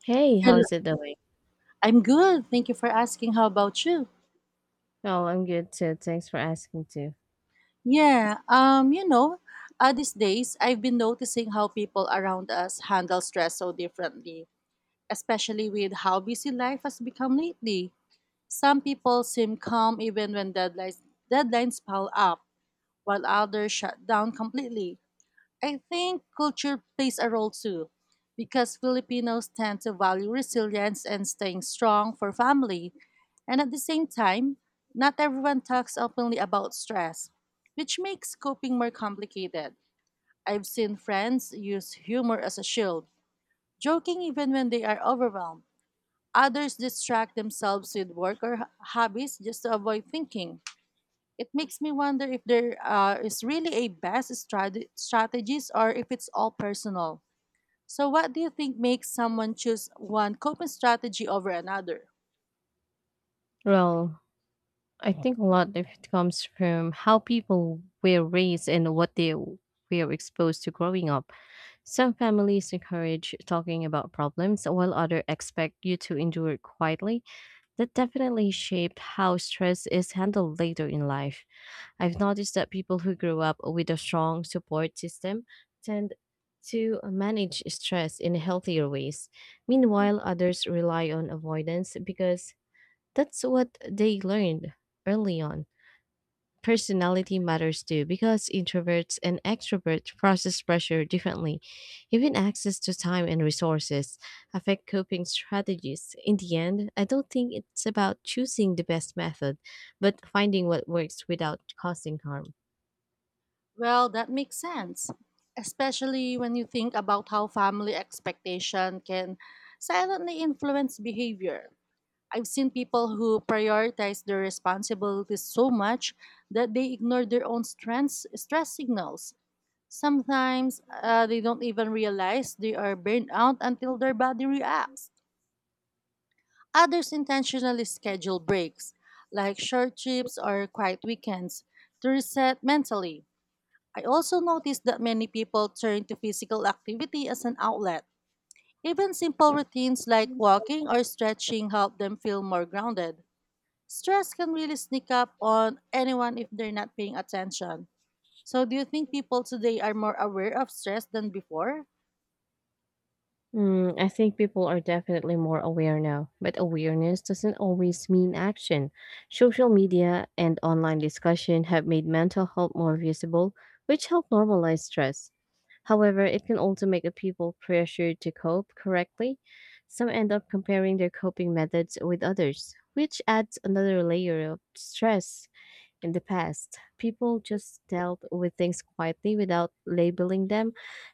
Hey, how Hello. is it doing? I'm good. Thank you for asking. How about you? Well, I'm good too. Thanks for asking too. Yeah. These days I've been noticing how people around us handle stress so differently, especially with how busy life has become lately. Some people seem calm even when deadlines pile up, while others shut down completely. I think culture plays a role too, because Filipinos tend to value resilience and staying strong for family. And at the same time, not everyone talks openly about stress, which makes coping more complicated. I've seen friends use humor as a shield, joking even when they are overwhelmed. Others distract themselves with work or hobbies just to avoid thinking. It makes me wonder if there is really a best strategies or if it's all personal. So, what do you think makes someone choose one coping strategy over another? Well, I think a lot of it comes from how people were raised and what they were exposed to growing up. Some families encourage talking about problems, while others expect you to endure it quietly. That definitely shaped how stress is handled later in life. I've noticed that people who grew up with a strong support system tend to manage stress in healthier ways. Meanwhile, others rely on avoidance because that's what they learned early on. Personality matters too because introverts and extroverts process pressure differently. Even access to time and resources affect coping strategies. In the end, I don't think it's about choosing the best method, but finding what works without causing harm. Well, that makes sense, especially when you think about how family expectation can silently influence behavior. I've seen people who prioritize their responsibilities so much that they ignore their own strengths, stress signals. Sometimes they don't even realize they are burned out until their body reacts. Others intentionally schedule breaks, like short trips or quiet weekends, to reset mentally. I also noticed that many people turn to physical activity as an outlet. Even simple routines like walking or stretching help them feel more grounded. Stress can really sneak up on anyone if they're not paying attention. So, do you think people today are more aware of stress than before? I think people are definitely more aware now, but awareness doesn't always mean action. Social media and online discussion have made mental health more visible, which help normalize stress. However, it can also make a people pressured to cope correctly. Some end up comparing their coping methods with others, which adds another layer of stress. In the past, people just dealt with things quietly without labeling them.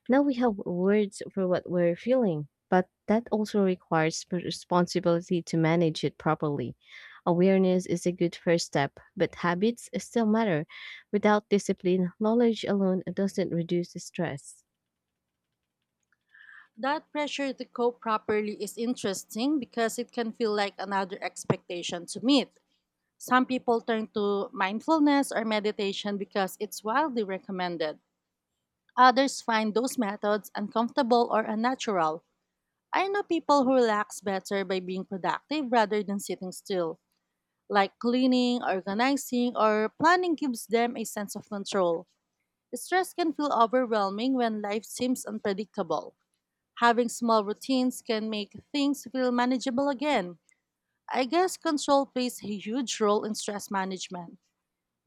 Now we have words for what we're feeling, but that also requires responsibility to manage it properly. Awareness is a good first step, but habits still matter. Without discipline, knowledge alone doesn't reduce the stress. That pressure to cope properly is interesting because it can feel like another expectation to meet. Some people turn to mindfulness or meditation because it's wildly recommended. Others find those methods uncomfortable or unnatural. I know people who relax better by being productive rather than sitting still, like cleaning, organizing, or planning gives them a sense of control. Stress can feel overwhelming when life seems unpredictable. Having small routines can make things feel manageable again. I guess control plays a huge role in stress management.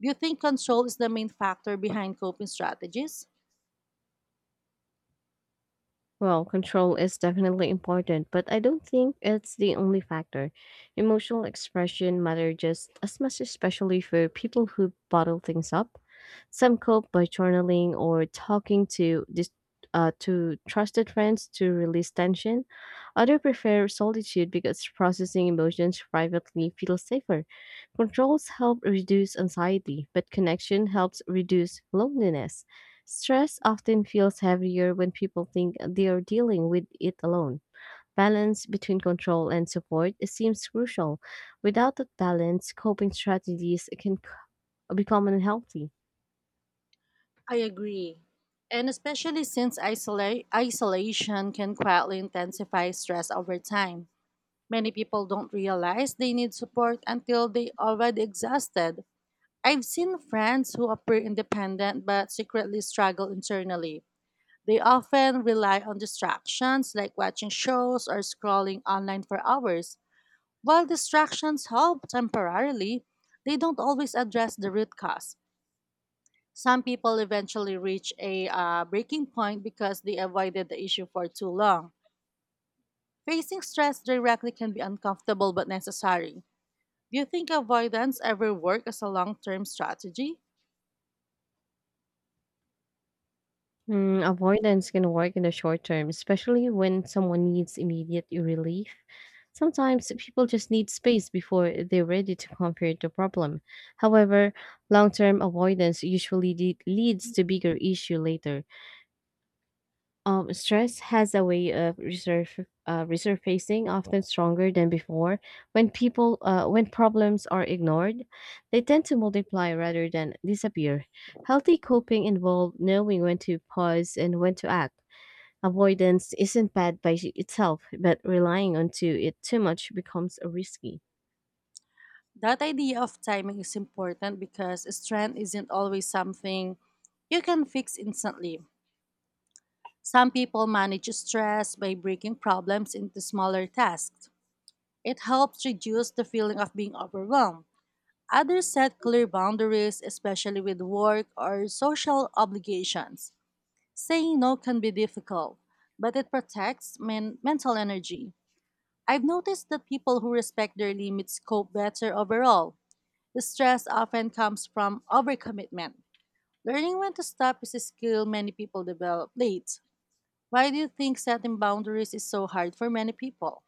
Do you think control is the main factor behind coping strategies? Well, control is definitely important, but I don't think it's the only factor. Emotional expression matter just as much, especially for people who bottle things up. Some cope by journaling or talking to to trusted friends to release tension. Others prefer solitude because processing emotions privately feels safer. Controls help reduce anxiety, but connection helps reduce loneliness. Stress often feels heavier when people think they are dealing with it alone. Balance between control and support seems crucial. Without that balance, coping strategies can become unhealthy. I agree. And especially since isolation can quietly intensify stress over time. Many people don't realize they need support until they already exhausted. I've seen friends who appear independent but secretly struggle internally. They often rely on distractions like watching shows or scrolling online for hours. While distractions help temporarily, they don't always address the root cause. Some people eventually reach a breaking point because they avoided the issue for too long. Facing stress directly can be uncomfortable but necessary. Do you think avoidance ever work as a long-term strategy? Avoidance can work in the short term, especially when someone needs immediate relief. Sometimes people just need space before they're ready to confront the problem. However, long term avoidance usually leads to bigger issue later. Stress has a way of resurfacing, often stronger than before. When problems are ignored, they tend to multiply rather than disappear. Healthy coping involves knowing when to pause and when to act. Avoidance isn't bad by itself, but relying onto it too much becomes risky. That idea of timing is important because stress isn't always something you can fix instantly. Some people manage stress by breaking problems into smaller tasks. It helps reduce the feeling of being overwhelmed. Others set clear boundaries, especially with work or social obligations. Saying no can be difficult, but it protects mental energy. I've noticed that people who respect their limits cope better overall. The stress often comes from overcommitment. Learning when to stop is a skill many people develop late. Why do you think setting boundaries is so hard for many people?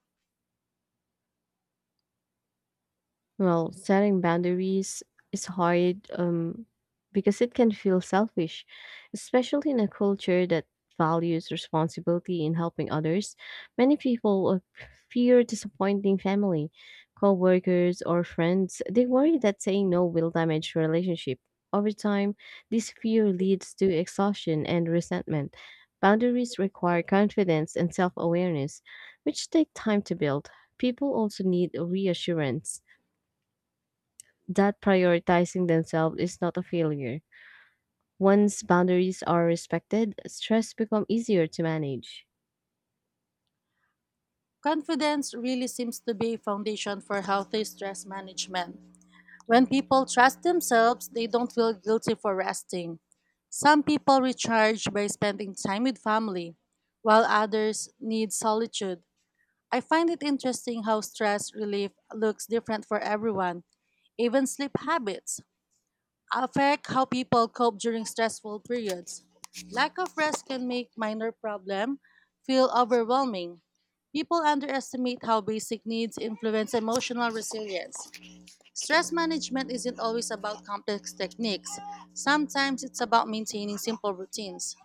Well, setting boundaries is hard because it can feel selfish, especially in a culture that values responsibility in helping others. Many people fear disappointing family, coworkers, or friends. They worry that saying no will damage relationship. Over time, this fear leads to exhaustion and resentment. Boundaries require confidence and self-awareness, which take time to build. People also need reassurance that prioritizing themselves is not a failure. Once boundaries are respected, stress becomes easier to manage. Confidence really seems to be a foundation for healthy stress management. When people trust themselves, they don't feel guilty for resting. Some people recharge by spending time with family, while others need solitude. I find it interesting how stress relief looks different for everyone. Even sleep habits affect how people cope during stressful periods. Lack of rest can make minor problem feel overwhelming. People underestimate how basic needs influence emotional resilience. Stress management isn't always about complex techniques. Sometimes it's about maintaining simple routines.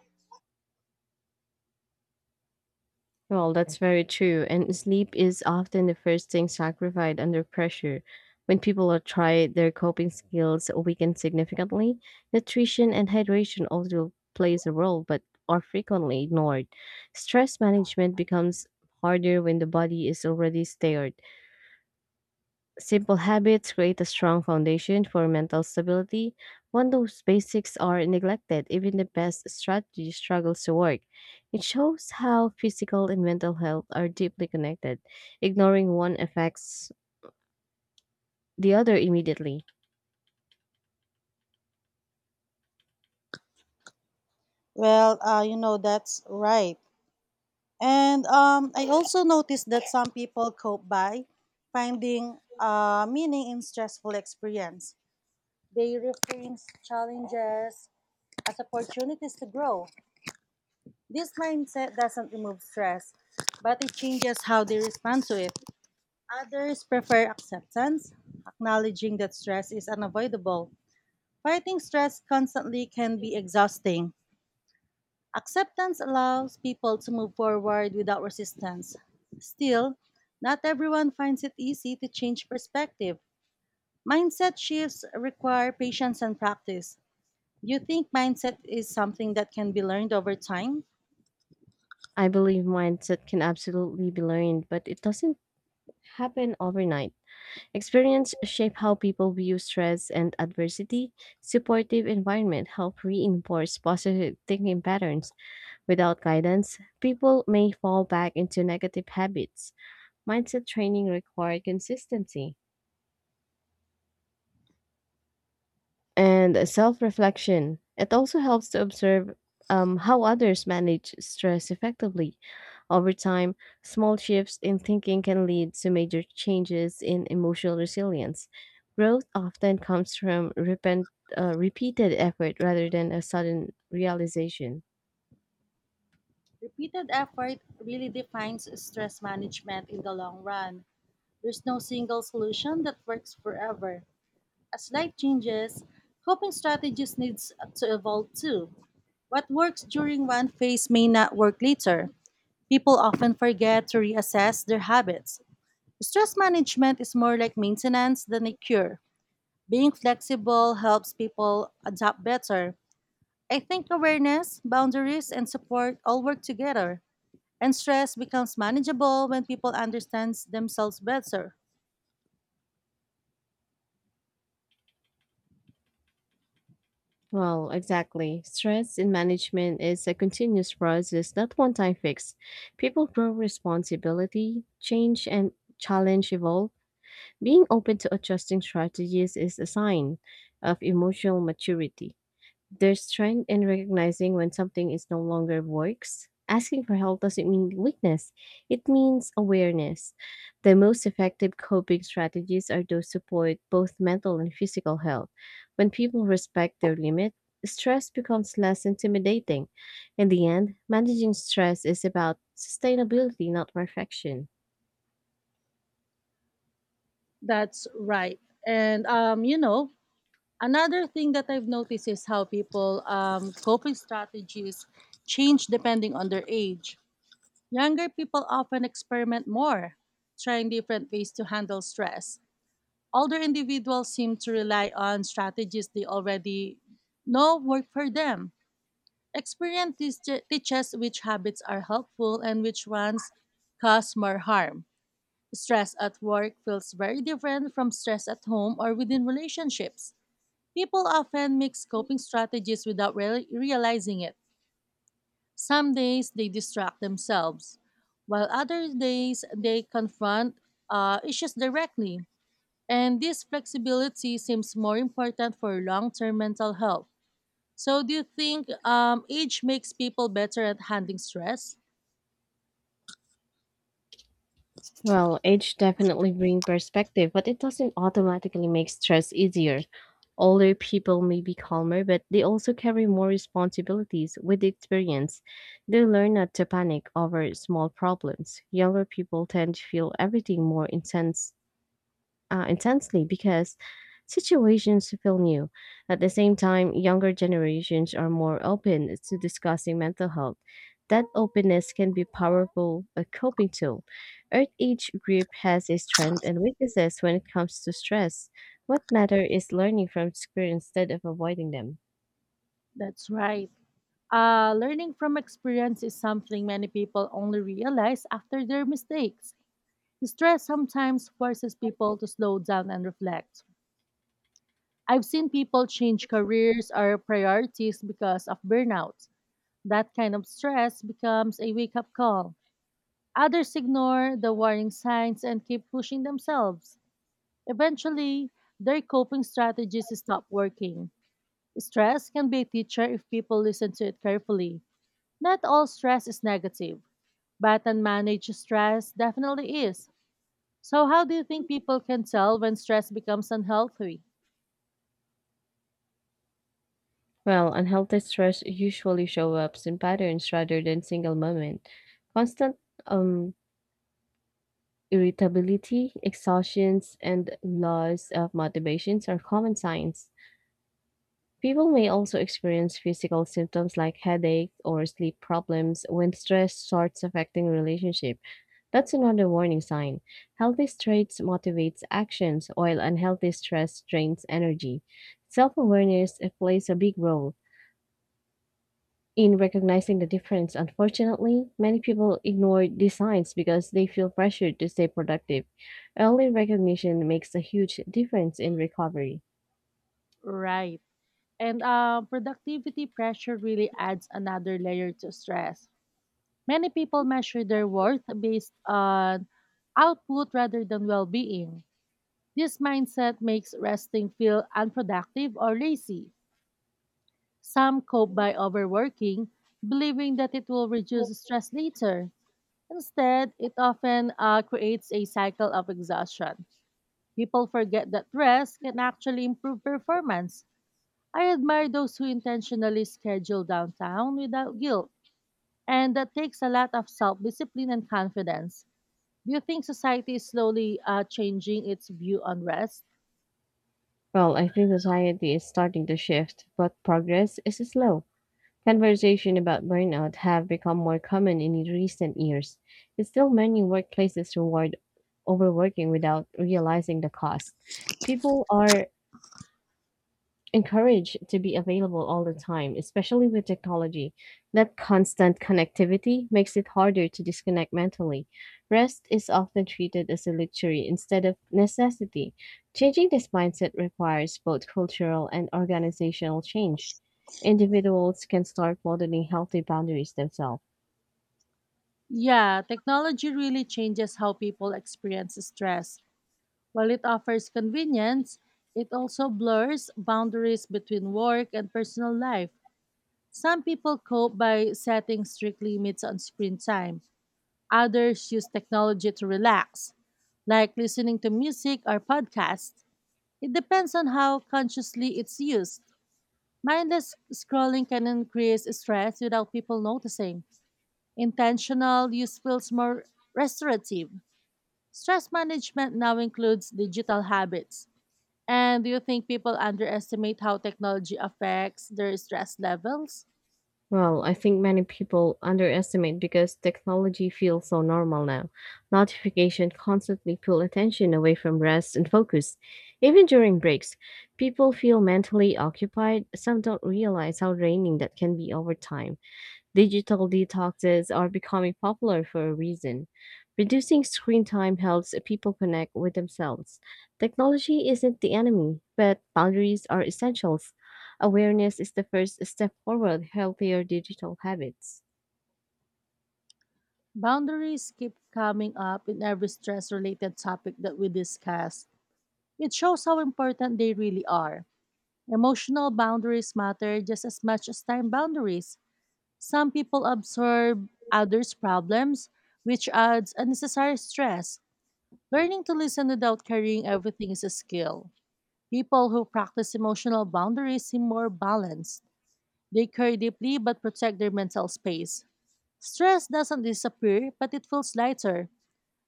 Well, that's very true. And sleep is often the first thing sacrificed under pressure. When people are tried, their coping skills weaken significantly. Nutrition and hydration also plays a role, but are frequently ignored. Stress management becomes harder when the body is already tired. Simple habits create a strong foundation for mental stability. When those basics are neglected, even the best strategy struggles to work. It shows how physical and mental health are deeply connected. Ignoring one affects the other immediately. That's right. And I also noticed that some people cope by finding meaning in stressful experience. They reframe challenges as opportunities to grow. This mindset doesn't remove stress, but it changes how they respond to it. Others prefer acceptance, acknowledging that stress is unavoidable. Fighting stress constantly can be exhausting. Acceptance allows people to move forward without resistance. Still, not everyone finds it easy to change perspective. Mindset shifts require patience and practice. Do you think mindset is something that can be learned over time? I believe mindset can absolutely be learned, but it doesn't happen overnight. Experience shape how people view stress and adversity. Supportive environment help reinforce positive thinking patterns. Without guidance, people may fall back into negative habits. Mindset training requires consistency and self reflection. It also helps to observe how others manage stress effectively. Over time, small shifts in thinking can lead to major changes in emotional resilience. Growth often comes from repeated effort rather than a sudden realization. Repeated effort really defines stress management in the long run. There's no single solution that works forever. As life changes, coping strategies needs to evolve too. What works during one phase may not work later. People often forget to reassess their habits. Stress management is more like maintenance than a cure. Being flexible helps people adapt better. I think awareness, boundaries, and support all work together, and stress becomes manageable when people understand themselves better. Well, exactly. Stress in management is a continuous process, not one time fix. People grow responsibility, change and challenge evolve. Being open to adjusting strategies is a sign of emotional maturity. There's strength in recognizing when something is no longer works. Asking for help doesn't mean weakness, it means awareness. The most effective coping strategies are those support both mental and physical health. When people respect their limit, stress becomes less intimidating. In the end, managing stress is about sustainability, not perfection. That's right. And um, you know, Another thing that I've noticed is how people coping strategies change depending on their age. Younger people often experiment more, trying different ways to handle stress. Older individuals seem to rely on strategies they already know work for them. Experience teaches which habits are helpful and which ones cause more harm. Stress at work feels very different from stress at home or within relationships. People often mix coping strategies without realizing it. Some days they distract themselves, while other days they confront issues directly. And this flexibility seems more important for long term mental health. So, do you think age makes people better at handling stress? Well, age definitely brings perspective, but it doesn't automatically make stress easier. Older people may be calmer, but they also carry more responsibilities with the experience. They learn not to panic over small problems. Younger people tend to feel everything more intensely because situations feel new. At the same time, younger generations are more open to discussing mental health. That openness can be powerful a coping tool. Earth each group has its strengths and weaknesses when it comes to stress. What matter is learning from experience instead of avoiding them. That's right. Learning from experience is something many people only realize after their mistakes. Stress sometimes forces people to slow down and reflect. I've seen people change careers or priorities because of burnout. That kind of stress becomes a wake up call. Others ignore the warning signs and keep pushing themselves. Eventually, their coping strategies stop working. Stress can be a teacher if people listen to it carefully. Not all stress is negative, but unmanaged stress definitely is. So, how do you think people can tell when stress becomes unhealthy? Well, unhealthy stress usually show up in patterns rather than single moment. Constant um, irritability, exhaustions, and loss of motivations are common signs. People may also experience physical symptoms like headache or sleep problems when stress starts affecting relationship. That's another warning sign. Healthy stress motivates actions, while unhealthy stress drains energy. Self-awareness plays a big role in recognizing the difference. Unfortunately, many people ignore these signs because they feel pressured to stay productive. Early recognition makes a huge difference in recovery. Right. And Productivity pressure really adds another layer to stress. Many people measure their worth based on output rather than well being. This mindset makes resting feel unproductive or lazy. Some cope by overworking, believing that it will reduce stress later. Instead, it often creates a cycle of exhaustion. People forget that rest can actually improve performance. I admire those who intentionally schedule downtown without guilt, and that takes a lot of self discipline and confidence. Do you think society is slowly changing its view on rest? Well, I think society is starting to shift, but progress is slow. Conversation about burnout have become more common in recent years. It's still many workplaces reward overworking without realizing the cost. People are encouraged to be available all the time, especially with technology. That constant connectivity makes it harder to disconnect mentally. Rest is often treated as a luxury instead of necessity. Changing this mindset requires both cultural and organizational change. Individuals can start modeling healthy boundaries themselves. Yeah, technology really changes how people experience stress. While it offers convenience, it also blurs boundaries between work and personal life. Some people cope by setting strict limits on screen time. Others use technology to relax, like listening to music or podcasts. It depends on how consciously it's used. Mindless scrolling can increase stress without people noticing. Intentional use feels more restorative. Stress management now includes digital habits. And do you think people underestimate how technology affects their stress levels? Well, I think many people underestimate because technology feels so normal now. Notifications constantly pull attention away from rest and focus. Even during breaks, people feel mentally occupied. Some don't realize how draining that can be over time. Digital detoxes are becoming popular for a reason. Reducing screen time helps people connect with themselves. Technology isn't the enemy, but boundaries are essentials. Awareness is the first step toward healthier digital habits. Boundaries keep coming up in every stress related topic that we discuss. It shows how important they really are. Emotional boundaries matter just as much as time boundaries. Some people absorb others' problems, which adds unnecessary stress. Learning to listen without carrying everything is a skill. People who practice emotional boundaries seem more balanced. They care deeply but protect their mental space. Stress doesn't disappear, but it feels lighter.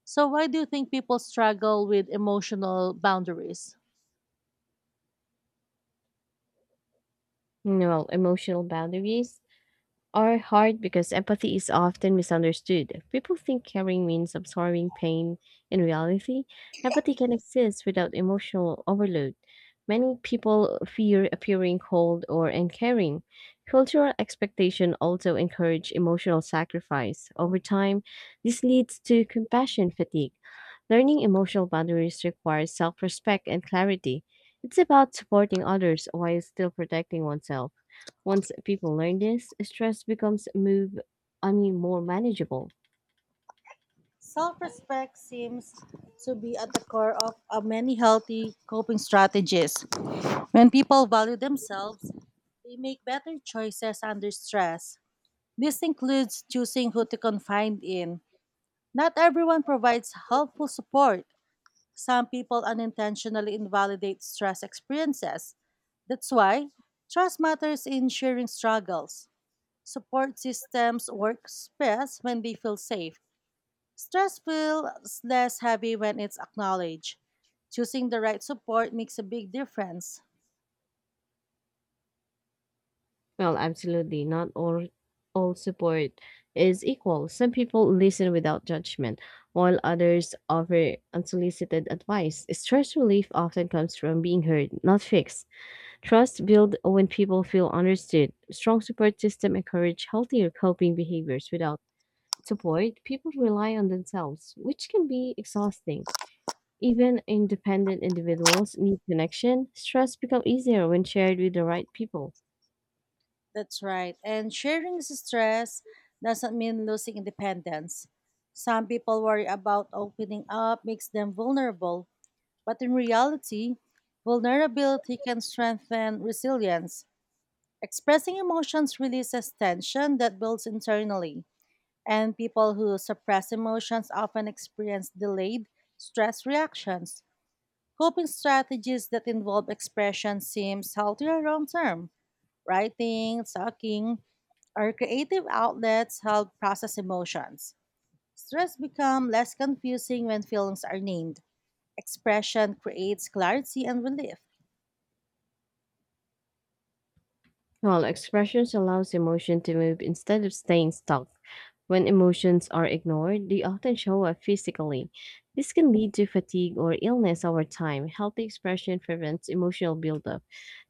So, why do you think people struggle with emotional boundaries? Well, emotional boundaries are hard because empathy is often misunderstood. People think caring means absorbing pain. In reality, empathy can exist without emotional overload. Many people fear appearing cold or uncaring. Cultural expectation also encourage emotional sacrifice. Over time, this leads to compassion fatigue. Learning emotional boundaries requires self-respect and clarity. It's about supporting others while still protecting oneself. Once people learn this, stress becomes move I mean more manageable. Self respect seems to be at the core of many healthy coping strategies. When people value themselves, they make better choices under stress. This includes choosing who to confide in. Not everyone provides helpful support. Some people unintentionally invalidate stress experiences. That's why trust matters in sharing struggles. Support systems work best when they feel safe. Stress feels less heavy when it's acknowledged. Choosing the right support makes a big difference. Well, absolutely. Not all support is equal. Some people listen without judgment, while others offer unsolicited advice. Stress relief often comes from being heard, not fixed. Trust built when people feel understood. Strong support system encourage healthier coping behaviors. Without support, people rely on themselves, which can be exhausting. Even independent individuals need connection. Stress becomes easier when shared with the right people. That's right. And sharing stress doesn't mean losing independence. Some people worry about opening up makes them vulnerable, but in reality, vulnerability can strengthen resilience. Expressing emotions releases tension that builds internally, and people who suppress emotions often experience delayed stress reactions. Coping strategies that involve expression seems healthier long term. Writing, talking, or creative outlets help process emotions. Stress becomes less confusing when feelings are named. Expression creates clarity and relief. While expressions allows emotion to move instead of staying stuck. When emotions are ignored, they often show up physically. This can lead to fatigue or illness over time. Healthy expression prevents emotional buildup.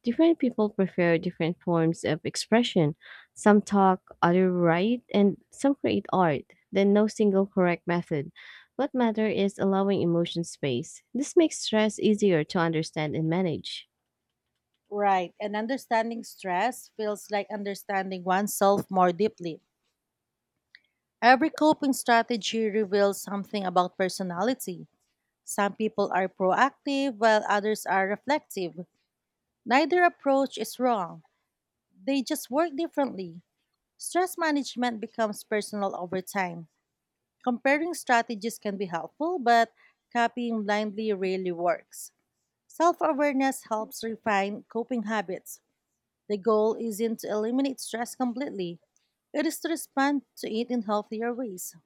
Different people prefer different forms of expression. Some talk, others write, and some create art. Then no single correct method. What matters is allowing emotion space. This makes stress easier to understand and manage. Right, and understanding stress feels like understanding oneself more deeply. Every coping strategy reveals something about personality. Some people are proactive while others are reflective. Neither approach is wrong, they just work differently. Stress management becomes personal over time. Comparing strategies can be helpful, but copying blindly rarely works. Self awareness helps refine coping habits. The goal isn't to eliminate stress completely, it is to respond to it in healthier ways.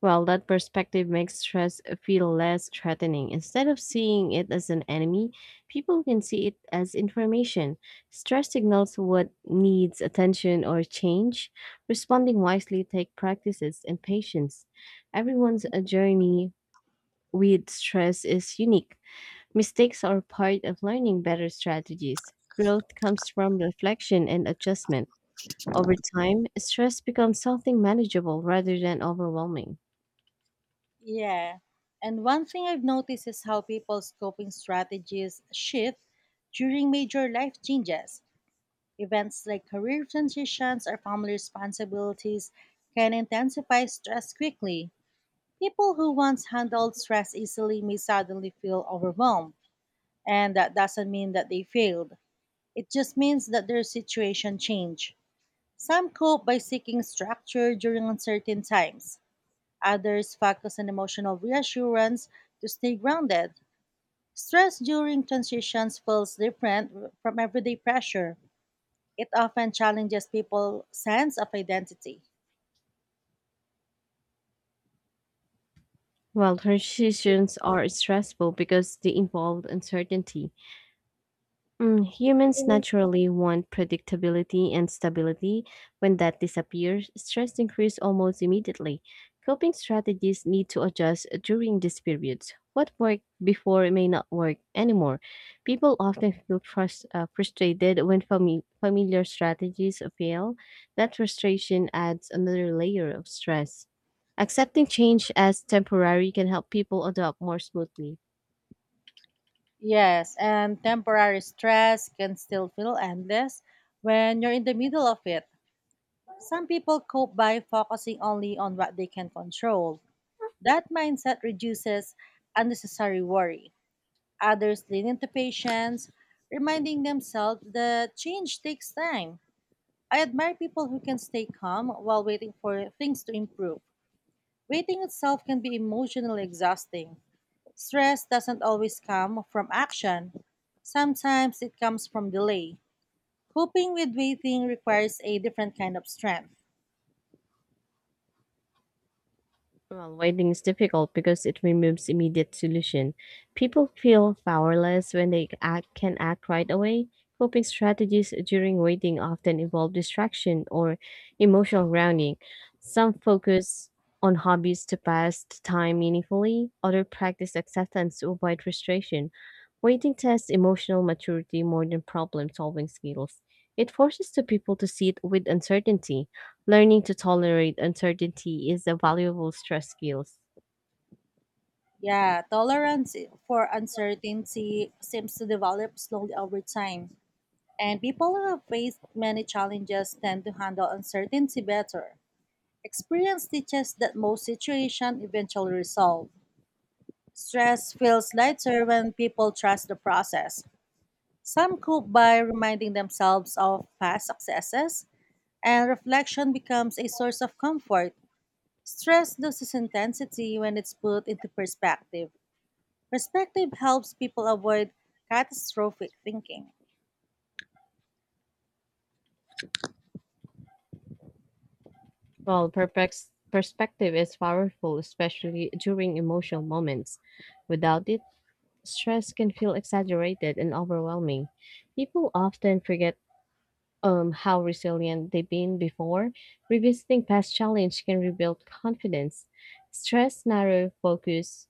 Well, that perspective makes stress feel less threatening. Instead of seeing it as an enemy, people can see it as information. Stress signals what needs attention or change. Responding wisely take practices and patience. Everyone's journey with stress is unique. Mistakes are part of learning better strategies. Growth comes from reflection and adjustment. Over time, stress becomes something manageable rather than overwhelming. Yeah. And one thing I've noticed is how people's coping strategies shift during major life changes. Events like career transitions or family responsibilities can intensify stress quickly. People who once handled stress easily may suddenly feel overwhelmed, and that doesn't mean that they failed. It just means that their situation changed. Some cope by seeking structure during uncertain times. Others focus on emotional reassurance to stay grounded. Stress during transitions feels different from everyday pressure, it often challenges people's sense of identity. Well, transitions are stressful because they involve uncertainty. Humans Mhm. naturally want predictability and stability. When that disappears, stress increases almost immediately. Coping strategies need to adjust during these periods. What worked before may not work anymore. People often feel frustrated when familiar strategies fail. That frustration adds another layer of stress. Accepting change as temporary can help people adapt more smoothly. Yes, and temporary stress can still feel endless when you're in the middle of it. Some people cope by focusing only on what they can control. That mindset reduces unnecessary worry. Others lean into patience, reminding themselves that change takes time. I admire people who can stay calm while waiting for things to improve. Waiting itself can be emotionally exhausting. Stress doesn't always come from action. Sometimes it comes from delay. Coping with waiting requires a different kind of strength. Well, waiting is difficult because it removes immediate solution. People feel powerless when can act right away. Coping strategies during waiting often involve distraction or emotional grounding. Some focus on hobbies to pass the time meaningfully, others practice acceptance to avoid frustration. Waiting tests emotional maturity more than problem solving skills. It forces the people to sit with uncertainty. Learning to tolerate uncertainty is a valuable stress skill. Yeah, tolerance for uncertainty seems to develop slowly over time. And people who have faced many challenges tend to handle uncertainty better. Experience teaches that most situations eventually resolve. Stress feels lighter when people trust the process. Some cope by reminding themselves of past successes, and reflection becomes a source of comfort. Stress loses intensity when it's put into perspective. Perspective helps people avoid catastrophic thinking. Well, perspective is powerful, especially during emotional moments. Without it, stress can feel exaggerated and overwhelming. People often forget how resilient they've been before. Revisiting past challenge can rebuild confidence. Stress narrow focus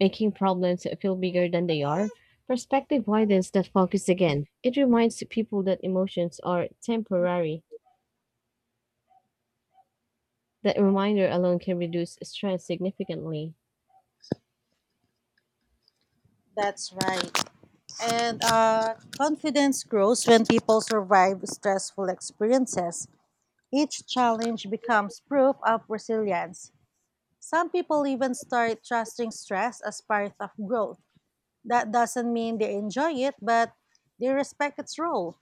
making problems feel bigger than they are. Perspective widens that focus again. It reminds people that emotions are temporary. That reminder alone can reduce stress significantly. That's right. And Confidence grows when people survive stressful experiences. Each challenge becomes proof of resilience. Some people even start trusting stress as part of growth. That doesn't mean they enjoy it, but they respect its role.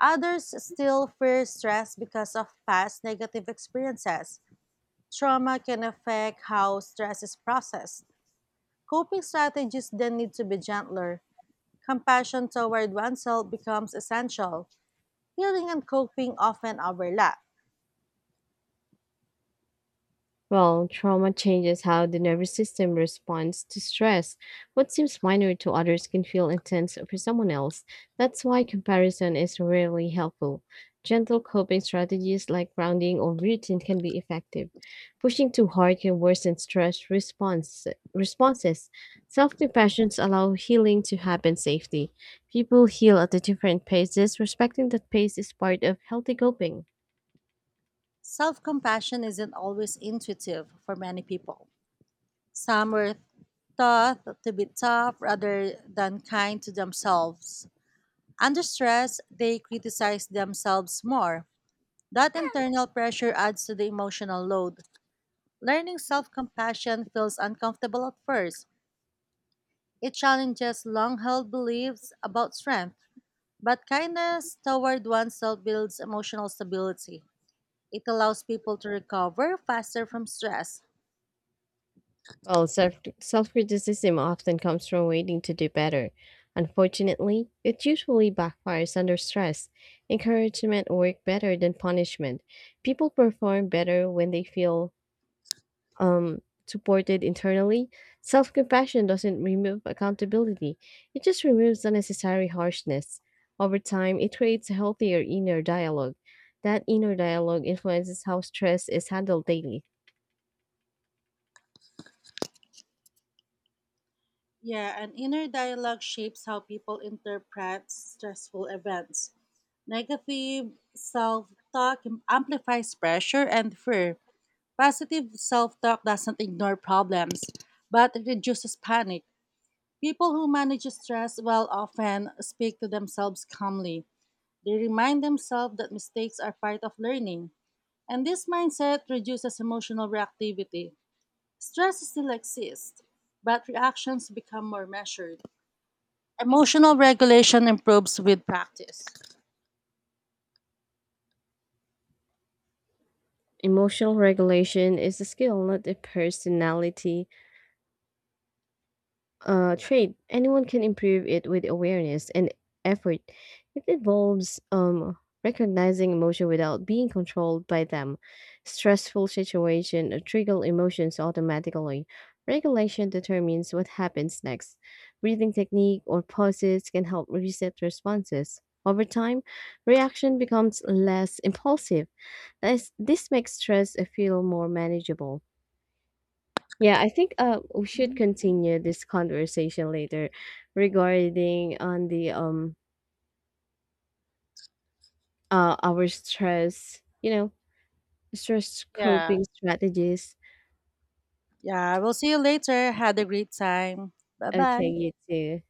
Others still fear stress because of past negative experiences. Trauma can affect how stress is processed. Coping strategies then need to be gentler. Compassion toward oneself becomes essential. Healing and coping often overlap. Well, trauma changes how the nervous system responds to stress. What seems minor to others can feel intense for someone else. That's why comparison is rarely helpful. Gentle coping strategies like grounding or routine can be effective. Pushing too hard can worsen responses. Self compassions allow healing to happen safely. People heal at a different paces. Respecting that pace is part of healthy coping. Self compassion isn't always intuitive for many people. Some were taught to be tough rather than kind to themselves. Under stress, they criticize themselves more. That internal pressure adds to the emotional load. Learning self compassion feels uncomfortable at first. It challenges long held beliefs about strength, but kindness toward oneself builds emotional stability. It allows people to recover faster from stress. Well, self criticism often comes from waiting to do better. Unfortunately, it usually backfires under stress. Encouragement works better than punishment. People perform better when they feel supported internally. Self compassion doesn't remove accountability, it just removes unnecessary harshness. Over time, it creates a healthier inner dialogue. That inner dialogue influences how stress is handled daily. Yeah, and inner dialogue shapes how people interpret stressful events. Negative self talk amplifies pressure and fear. Positive self talk doesn't ignore problems, but it reduces panic. People who manage stress well often speak to themselves calmly. They remind themselves that mistakes are part of learning, and this mindset reduces emotional reactivity. Stress still exists, but reactions become more measured. Emotional regulation improves with practice. Emotional regulation is a skill, not a personality trait. Anyone can improve it with awareness and effort. It involves recognizing emotion without being controlled by them. Stressful situation trigger emotions automatically. Regulation determines what happens next. Breathing technique or pauses can help reset responses. Over time, reaction becomes less impulsive. This makes stress feel more manageable. Yeah, I think we should continue this conversation later regarding on the our stress Yeah. coping strategies. Yeah. We'll see you later. Had a great time. Bye bye. Okay, you too.